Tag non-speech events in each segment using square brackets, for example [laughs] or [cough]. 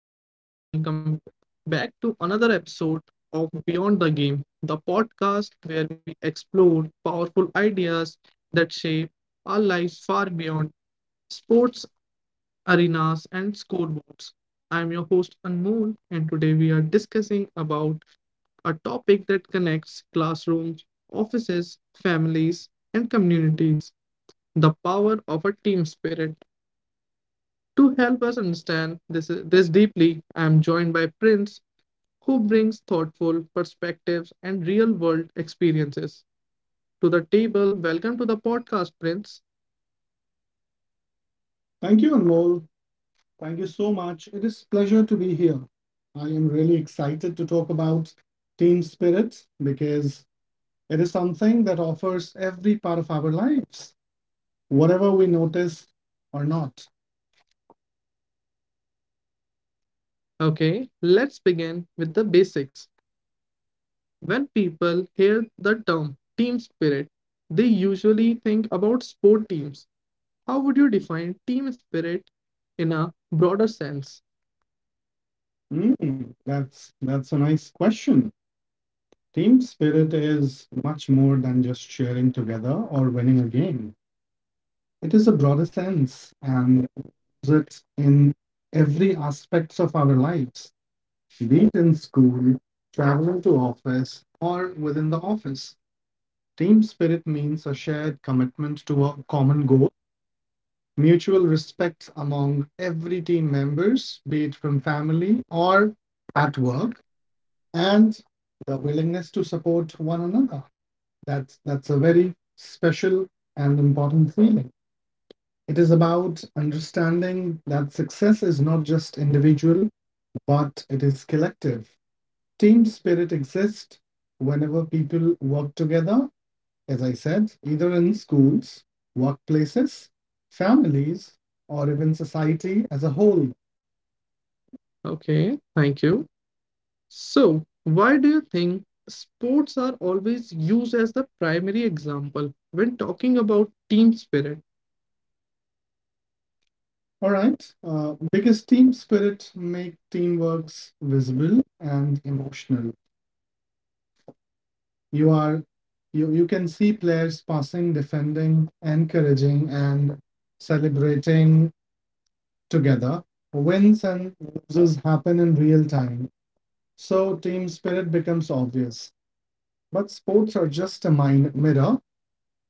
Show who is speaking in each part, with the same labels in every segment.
Speaker 1: everyone, and welcome back to another episode of Beyond the Game, the podcast where we explore powerful ideas that shape our lives far beyond sports arenas and scoreboards. I'm your host Anmol, and today we are discussing about a topic that connects classrooms, offices, families, and communities: the power of a team spirit. To help us understand this deeply, I am joined by Prince who brings thoughtful perspectives and real world experiences to the table. Welcome to the podcast, Prince. Thank you, Anmol. Thank you so much. It is pleasure to be here. I am really excited to talk about team spirit because it is something that offers every part of our lives, whatever we notice or not. Okay, let's begin with the basics. When people hear the term team spirit, they usually think about sport teams. How would you define team spirit in a broader sense? That's a nice question. Team spirit is much more than just cheering together or winning a game. It is a broader sense and it's in every aspects of our lives, be it in school, traveling to office, or within the office. Team spirit means a shared commitment to a common goal, mutual respect among every team members, be it from family or at work, and the willingness to support one another. That's a very special and important feeling. It is about understanding that success is not just individual, but it is team spirit exists whenever people work together, as I said, either in schools, workplaces, families, or even society as a whole. Okay, thank you. So, why do you think sports are always used as the primary example when talking about team spirit? All right. Because team spirit make teamworks visible and emotional. You are you you can see players passing, defending, encouraging, and celebrating together. Wins and losses happen in real time. So team spirit becomes obvious. But sports are just a mind mirror.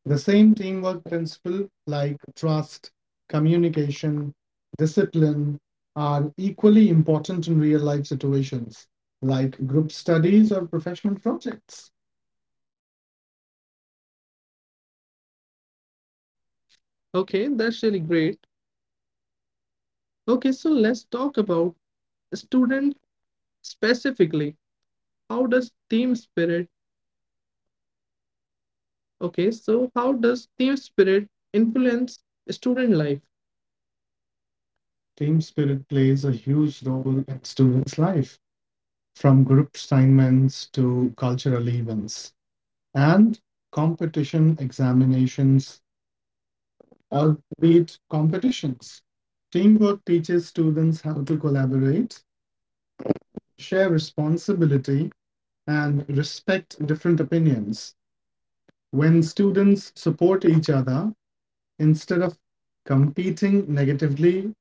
Speaker 1: The same teamwork principle like trust, communication, discipline are equally important in real life situations like group studies or professional projects. Okay, that's really great. Okay, so let's talk about student specifically. How does team spirit? How does team spirit influence student life? Team spirit plays a huge role in students' life, from group assignments to cultural events and competition examinations, albeit competitions. Teamwork teaches students how to collaborate, share responsibility, and respect different opinions. When students support each other instead of competing
Speaker 2: Negatively,
Speaker 1: negatively,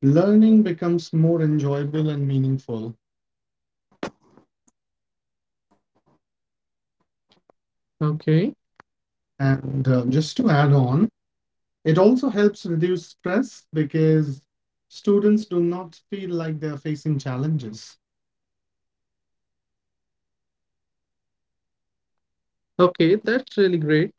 Speaker 2: learning
Speaker 1: learning becomes
Speaker 2: becomes
Speaker 1: more
Speaker 2: more enjoyable
Speaker 1: enjoyable
Speaker 2: and
Speaker 1: and meaningful.
Speaker 2: meaningful.
Speaker 1: Okay. And just to add on, it also helps reduce stress because students do not feel like they're facing challenges. Okay, that's really great.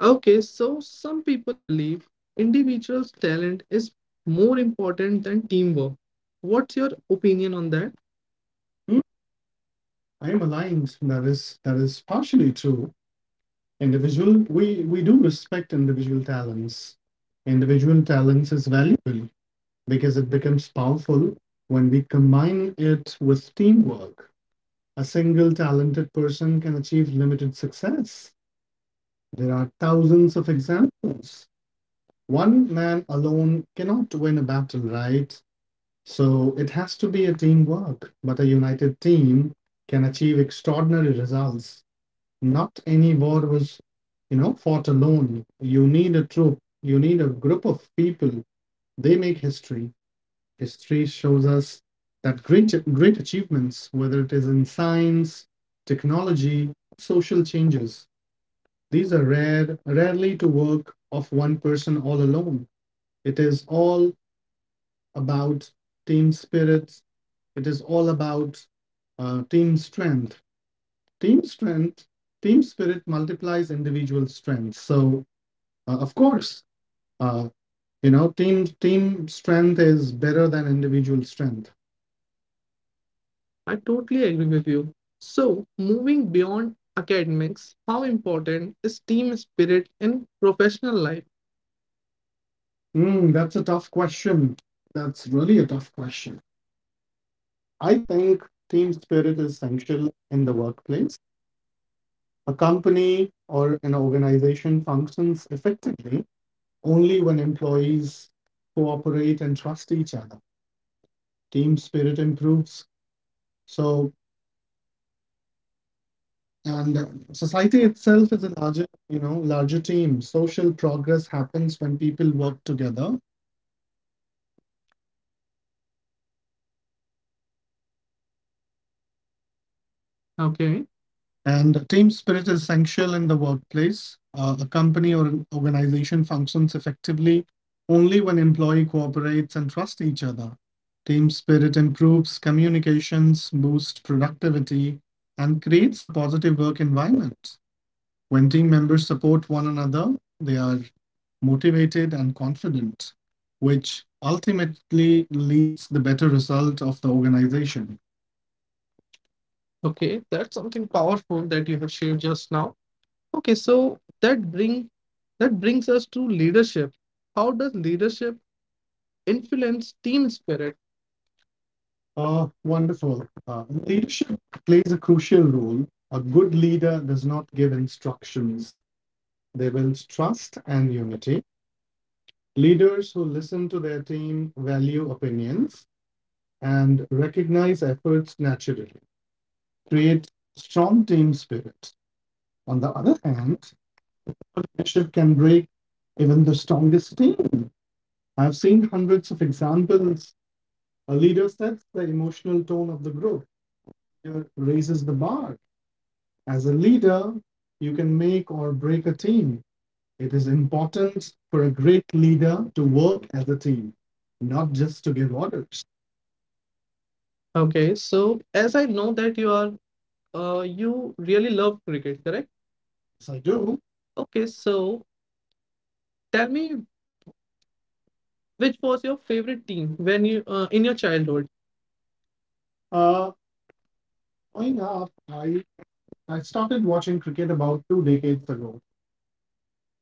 Speaker 1: Okay, so some people believe individuals' talent is more important than teamwork. What's your opinion on that? Hmm, I am aligned. That is partially true. Individual, we do respect individual talents. Individual talents is valuable because it becomes powerful when we combine it with teamwork. A single talented person can achieve limited success. There are thousands of examples. One man alone cannot win a battle, right? So it has to be a teamwork, but a united team can achieve extraordinary results. Not any war was, you know, fought alone. You need a troop, you need a group of people. They make history. History shows us that great achievements, whether it is in science, technology, social changes, these are rarely to work of one person all alone. It is all about team spirit. It is all about team strength. Team strength, team spirit multiplies individual strength. So, of course, uh, team strength is better than individual strength. I totally agree with you. So, moving beyond academics, how important is team spirit in professional life? That's a tough question. That's really a tough question. I think team spirit is essential in the workplace. A company or an organization functions effectively only when employees cooperate and trust each other. Team spirit improves, so and society itself is a larger you know larger team. Social progress happens when people work together. Okay. And team spirit is essential in the workplace. A company or an organization functions effectively only when employee cooperates and trust each other. Team spirit improves communications, boosts productivity and creates a positive work environment. When team members support one another, they are motivated and confident, which ultimately leads the better result of the organization. Okay, that's something powerful that you have shared just now. Okay, so that brings us to leadership. How does leadership influence team spirit? Wonderful. Leadership plays a crucial role. A good leader does not give instructions, they build trust and unity. Leaders who listen to their team, value opinions and recognize efforts naturally, create strong team spirit. On the other hand, leadership can break even the strongest team. I've seen hundreds of examples. A leader sets the emotional tone of the group, raises the bar. As a leader, you can make or break a team. It is important for a great leader to work as a team, not just to give orders. Okay, so as I know that you are, you really love cricket, correct? Yes, I do. Okay, so tell me which was your favorite team when you in your childhood? Uh, growing up, I started watching cricket about two decades ago,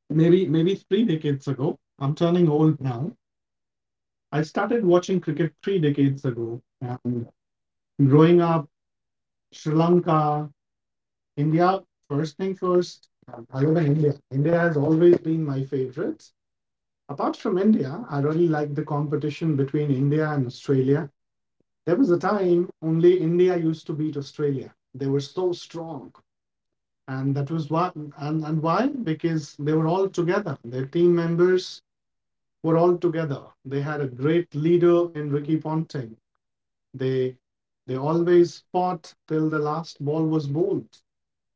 Speaker 1: maybe three decades ago. I'm turning old now. I started watching cricket three decades ago, and growing up, Sri Lanka, India. First thing first, I love India. India has always been my favorite. Apart from India, I really like the competition between India and Australia. There was a time only India used to beat Australia. They were so strong. And that was why. And why? Because they were all together. Their team members were all together. They had a great leader in Ricky Ponting. They they always fought till the last ball was bowled.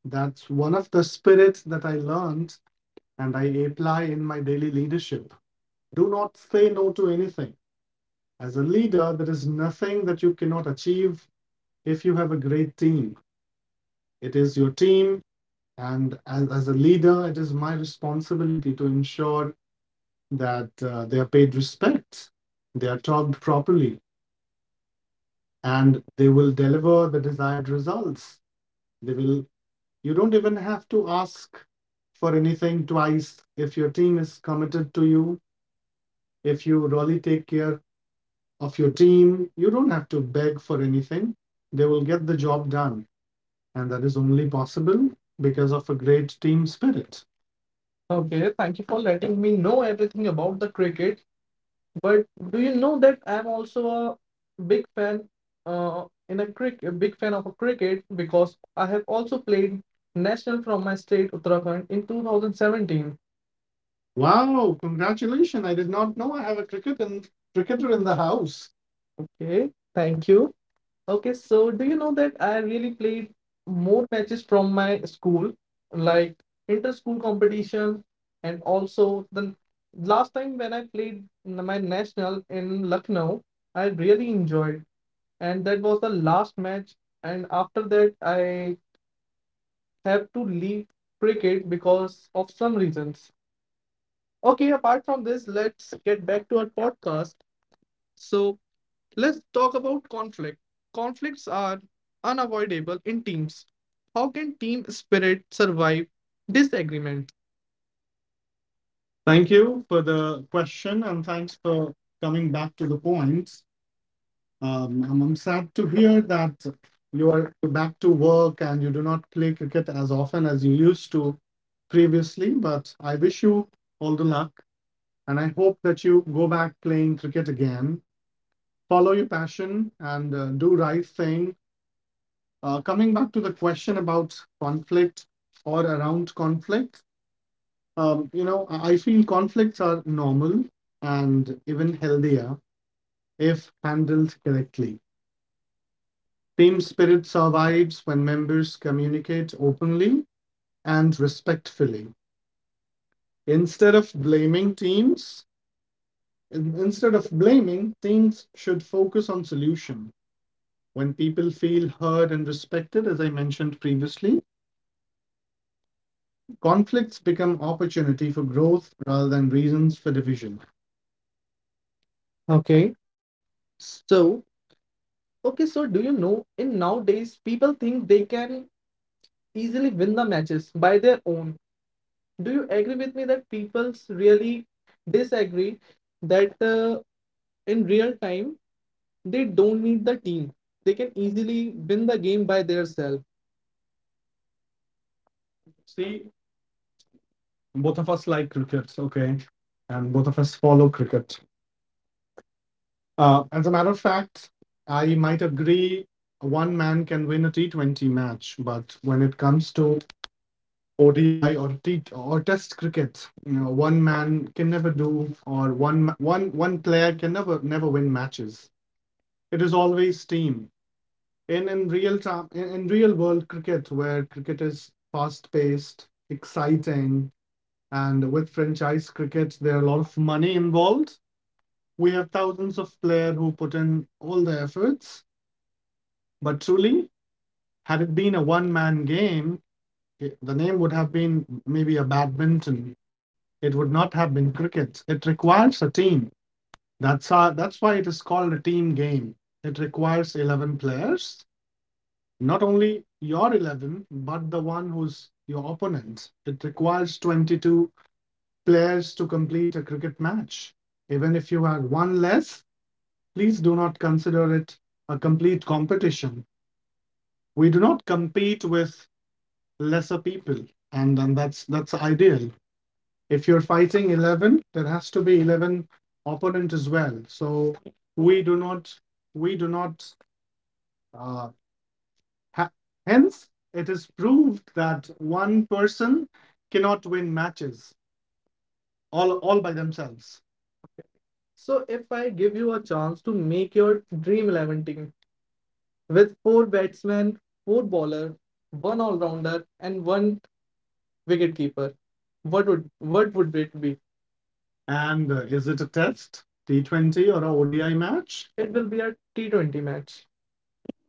Speaker 1: That's one of the spirits that I learned and I apply in my daily leadership. Do not say no to anything. As a leader, there is nothing that you cannot achieve if you have a great team. It is your team, and as a leader it is my responsibility to ensure that they are paid respect, they are talked properly and they will deliver the desired results. They will, you don't even have to ask for anything twice. If your team is committed to you, if you really take care of your team, you don't have to beg for anything. They will get the job done and that is only possible because of a great team spirit. Okay, thank you for letting me know everything about the cricket. But do you know that I'm also a big fan in a crick a big fan of a cricket because I have also played national from my state Uttarakhand in 2017. Wow, congratulations. I did not know I have a cricket and cricketer in the house. Okay, thank you. Okay, so do you know that I really played more matches from my school, like inter-school competition, and also the last time when I played my national in Lucknow, I really enjoyed, and that was the last match. And after that, I have to leave cricket because of some reasons. Okay, apart from this, let's get back to our podcast. So, let's talk about conflict. Conflicts are unavoidable in teams. How can team spirit survive disagreement? Thank you for the question and thanks for coming back to the points. I'm sad to hear that you are back to work and you do not play cricket as often as you used to previously, but I wish you all the luck and I hope that you go back playing cricket again. Follow your passion and do right thing. Coming back to the question about conflict or around conflict, you know, I feel conflicts are normal and even healthier if handled correctly. Team spirit survives when members communicate openly and respectfully. Instead of blaming teams, instead of blaming, teams should focus on solution. When people feel heard and respected, as I mentioned previously, conflicts become opportunity for growth rather than reasons for division. Okay. So, okay, so do you know in nowadays people think they can easily win the matches by their own. Do you agree with me that people really disagree that in real time they don't need the team. They can easily win the game by themselves. See, both of us like cricket, okay? And both of us follow cricket. As a matter of fact, I might agree one man can win a T20 match, but when it comes to ODI or T or Test cricket, you know, one man can never do, or one one player can never never win matches. It is always team. In real time, in real world cricket, where cricket is fast paced, exciting, and with franchise cricket, there are a lot of money involved. We have thousands of players who put in all the efforts. But truly, had it been a one man game, the name would have been maybe a badminton. It would not have been cricket. It requires a team. That's why it is called a team game. It requires 11 players, not only your 11, but the one who's your opponent. It requires 22 players to complete a cricket match. Even if you had one less, please do not consider it a complete competition. We do not compete with lesser people, and then that's ideal. If you're fighting 11, there has to be 11 opponent as well. So we do not we do not uh, ha- hence it is proved that one person cannot win matches all by themselves. So if I give you a chance to make your dream 11 team with four batsmen, four bowler, one all-rounder and one wicket keeper, what would it be? And Is it a test, T20 or a ODI match? It will be a T20 match.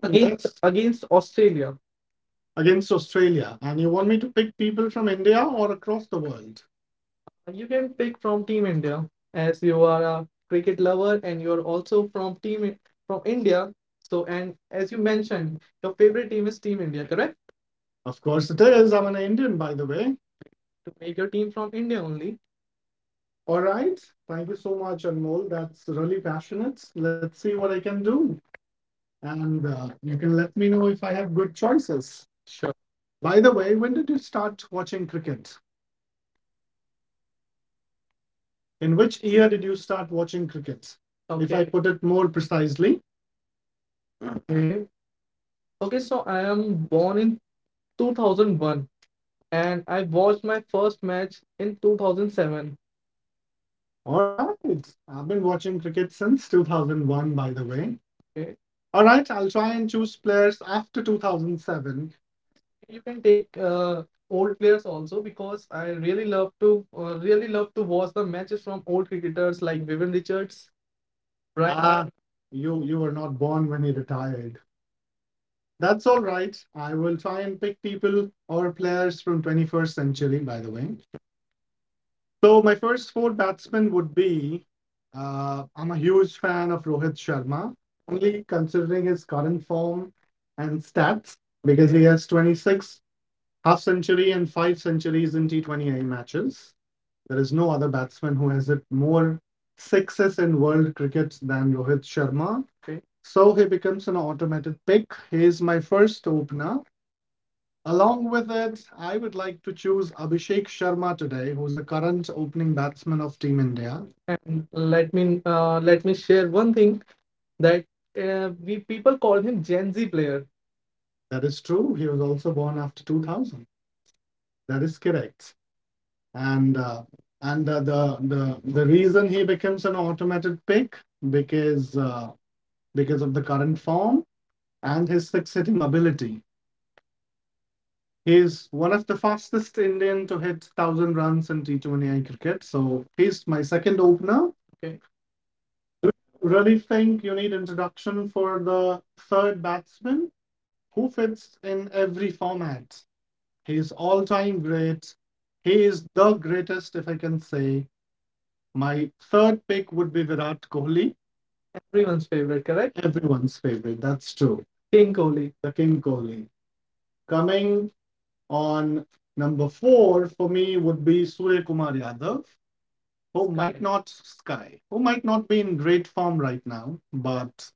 Speaker 1: Yes, against, yes, against Australia. Against Australia? And you want me to pick people from India or across the world? You can pick from Team India as you are a cricket lover and you are also from Team from India. So and as you mentioned, your favorite team is Team India, correct? Of course it is. I'm an Indian, by the way. To make your team from India only. All right. Thank you so much, Anmol. That's really passionate. Let's see what I can do. And You can let me know if I have good choices. Sure. By the way, when did you start watching cricket? In which year did you start watching cricket? If I, okay, put it more precisely. Okay. Okay, so I am born in 2001 and I watched my first match in 2007. All right. I've been watching cricket since 2001, by the way. Okay. All right. I'll try and choose players after 2007. You can take old players also because I really love to watch the matches from old cricketers like Vivian Richards. Right. Ah, Lauderdale. You were not born when he retired. That's all right. I will try and pick people or players from 21st century, by the way. So my first four batsmen would be. I'm a huge fan of Rohit Sharma, only considering his current form and stats, because he has 26 half century and five centuries in T20A matches. There is no other batsman who has hit more sixes in world cricket than Rohit Sharma. Okay. So he becomes an automatic pick. He is my first opener. Along with it, I would like to choose Abhishek Sharma today, who's the current opening batsman of Team India. And let me share one thing that we people call him Gen Z player. That is true. He was also born after 2000. That is correct. And uh, and the reason he becomes an automated pick because uh, because of the current form and his six hitting ability. He's one of the fastest Indian to hit 1,000 runs in T20i cricket. So he's my second opener. Okay. Really think you need introduction for the third batsman who fits in every format. He's all time great. He is the greatest, if I can say. My third pick would be Virat Kohli. Everyone's favorite, correct? Everyone's favorite. That's true. King Kohli. The King Kohli. Coming on number four for me would be Surya Kumar Yadav, who Sky. Might not sky, who might not be in great form right now, but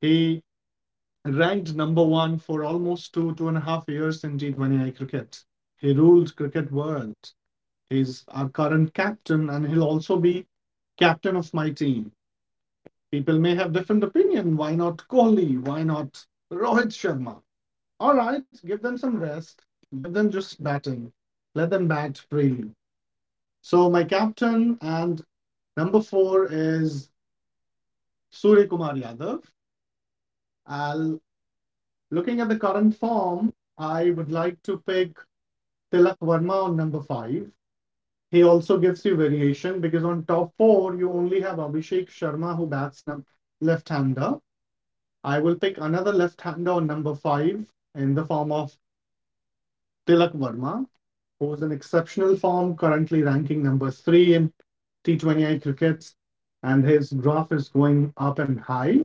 Speaker 1: he ranked number one for almost two and a half years in T20I cricket. He ruled cricket world. He's our current captain, and he'll also be captain of my team. People may have different opinion. Why not Kohli? Why not Rohit Sharma? All right, give them some rest. Give them just batting. Let them bat freely. So my captain and number four is Surya Kumar Yadav. I'll, looking at the current form, I would like to pick Tilak Verma on number five. He also gives you variation because on top four you only have Abhishek Sharma who bats left-hander. I will pick another left-hander on number five in the form of Tilak Verma, who is in exceptional form, currently ranking number three in T20I crickets, and his graph is going up and high.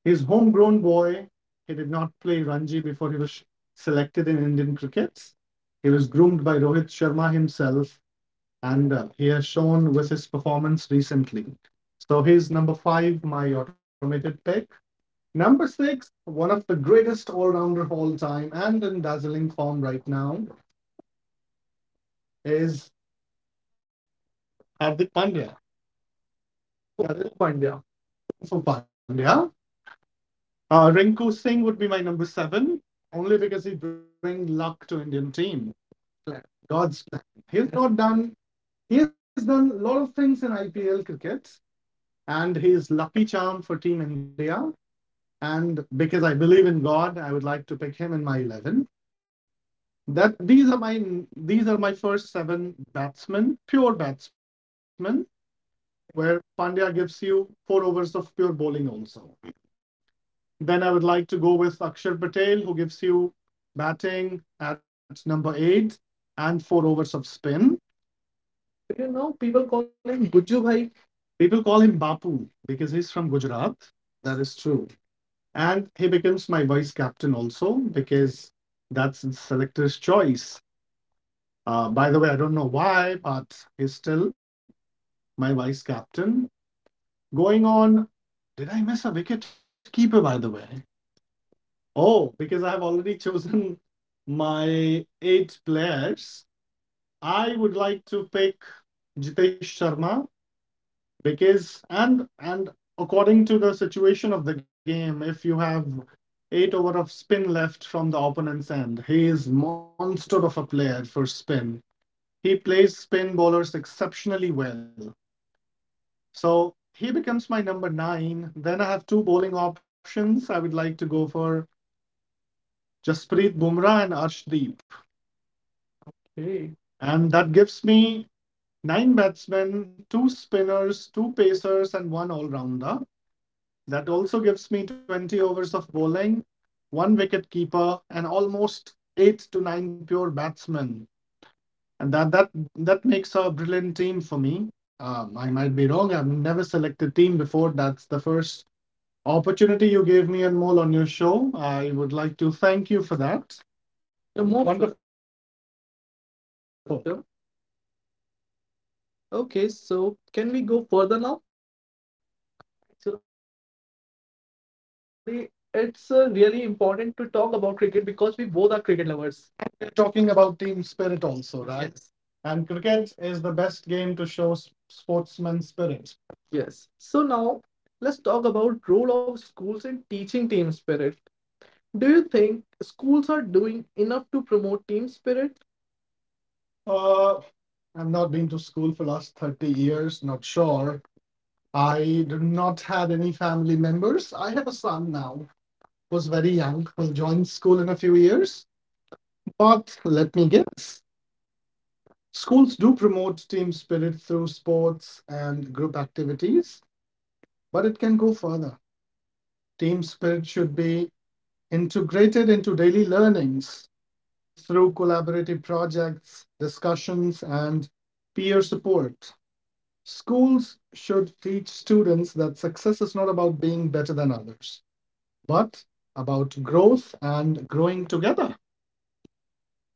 Speaker 1: He's homegrown boy. He did not play Ranji before he was selected in Indian crickets. He was groomed by Rohit Sharma himself, and he has shown with his performance recently. So he's number five, my automated pick. Number six, one of the greatest all rounder of all time and in dazzling form right now, is Hardik Pandya. Hardik Pandya. For Pandya. Rinku Singh would be my number seven, only because he brings luck to Indian team. God's plan. He's not done. He has done a lot of things in IPL cricket, and he's lucky charm for Team India. And because I believe in God, I would like to pick him in my 11. That these are my first seven batsmen, pure batsmen, where Pandya gives you four overs of pure bowling also. Then I would like to go with Akshar Patel, who gives you batting at number eight and four overs of spin. You know people call him Guju Bhai? People call him Bapu because he's from Gujarat. That is true. And he becomes my vice captain also because that's the selector's choice. By the way, I don't know why, but he's still my vice captain. Going on, did I miss a wicket keeper, by the way? Oh, because I have already [laughs] chosen my eight players, I would like to pick Jitesh Sharma because and according to the situation of the game, if you have eight over of spin left from the opponent's end, he is monster of a player for spin. He plays spin bowlers exceptionally well. So he becomes my number nine. Then I have two bowling options. I would like to go for Jasprit Bumrah and Arshdeep. Okay. And that gives me nine batsmen, two spinners, two pacers, and one all rounder. That also gives me 20 overs of bowling, one wicket keeper, and almost eight to nine pure batsmen. And that makes a brilliant team for me. I might be wrong. I've never selected team before. That's the first opportunity you gave me and Mole on your show. I would like to thank you for that. You're more. Wonderful. Welcome. Okay, so can we go further now? Oh, why not? I thought we are discussing cricket only. Actually, it's really important to talk about cricket because we both are cricket lovers. We're talking about team spirit also, right? Yes. And cricket is the best game to show sportsman spirit. Yes. So now let's talk about role of schools in teaching team spirit. Do you think schools are doing enough to promote team spirit? Uh, I've not been to school for last 30 years, not sure. I did not had any family members. I have a son now who's very young. Will join school in a few years. But let me guess, schools do promote team spirit through sports and group activities, but it can go further. Team spirit should be integrated into daily learnings through collaborative projects, discussions, and peer support. Schools should teach students that success is not about being better than others but about growth and growing together.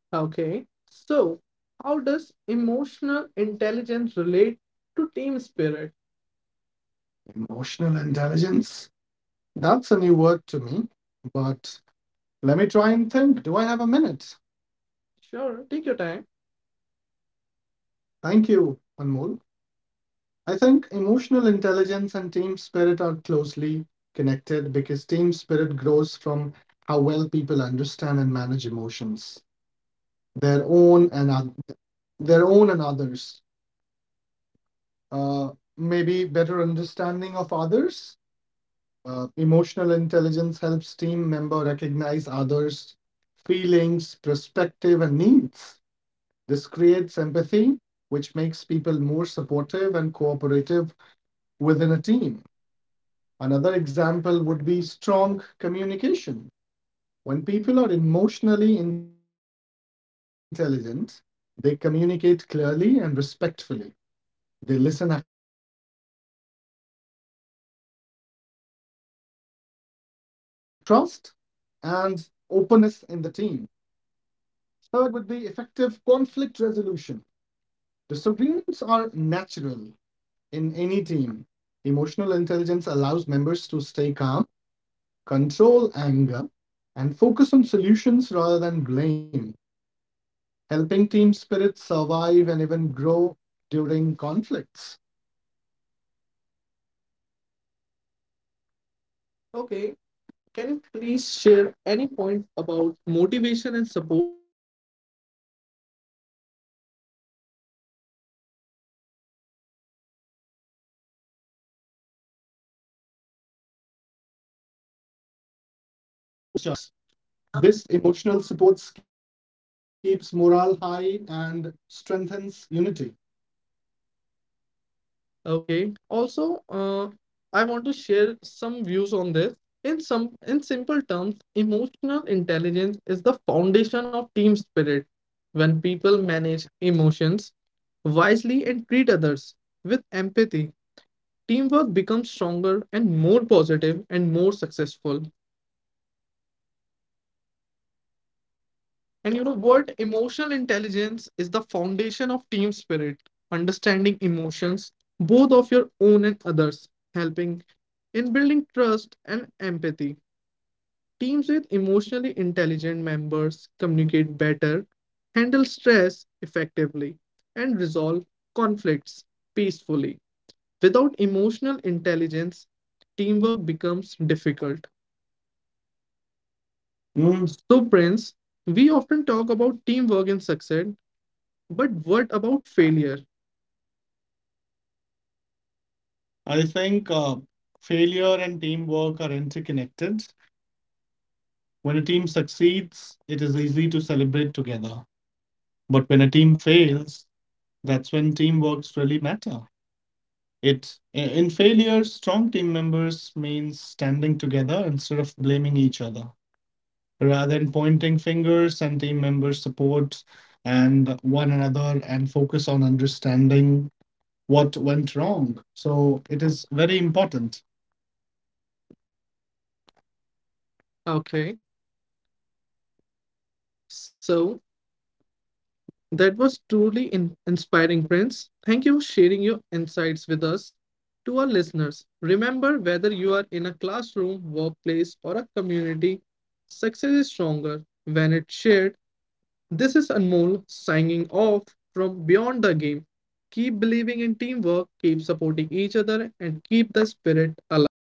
Speaker 1: Okay, so how does emotional intelligence relate to team spirit? Emotional intelligence, that's a new word to me, but let me try and think. Do I have a minute? Sure, take your time. Thank you, Anmol. I think emotional intelligence and team spirit are closely connected because team spirit grows from how well people understand and manage emotions, their own and their own and others. Uh, Maybe better understanding of others. Emotional intelligence helps team member recognize others' feelings, perspective, and needs. This creates empathy, which makes people more supportive and cooperative within a team. Another example would be strong communication. When people are emotionally intelligent, they communicate clearly and respectfully. They listen actively instead of reacting to any emotions which builds trust and openness in the team. Third would be effective conflict resolution. Disagreements are natural in any team. Emotional intelligence allows members to stay calm, control anger, and focus on solutions rather than blame, helping team spirit survive and even grow during conflicts. Okay, can you please share any point about motivation and support? Why not? Of course. Emotional intelligence and team members encourage each other, especially during stressful and challenging times. This emotional support keeps morale high and strengthens unity. Okay. Also, I want to share some views on this. In simple terms, emotional intelligence is the foundation of team spirit. When people manage emotions wisely and treat others with empathy, teamwork becomes stronger and more positive and more successful. And you know what? Emotional intelligence is the foundation of team spirit, understanding emotions, both of your own and others, helping in building trust and empathy. Teams with emotionally intelligent members communicate better, handle stress effectively, and resolve conflicts peacefully. Without emotional intelligence, teamwork becomes difficult. Mm. So, Prince, we often talk about teamwork and success, but what about failure? I think failure and teamwork are interconnected. When a team succeeds, it is easy to celebrate together. But when a team fails, that's when teamworks really matter. It in failure, strong team members means standing together instead of blaming each other. Rather than pointing fingers and team members support and one another and focus on understanding what went wrong. So it is very important. Okay, so that was truly inspiring, Prince. Thank you for sharing your insights with us. To our listeners, remember whether you are in a classroom, workplace, or a community, success is stronger when it's shared. This is Anmol signing off from Beyond the Game. Keep believing in teamwork, keep supporting each other, and keep the spirit alive.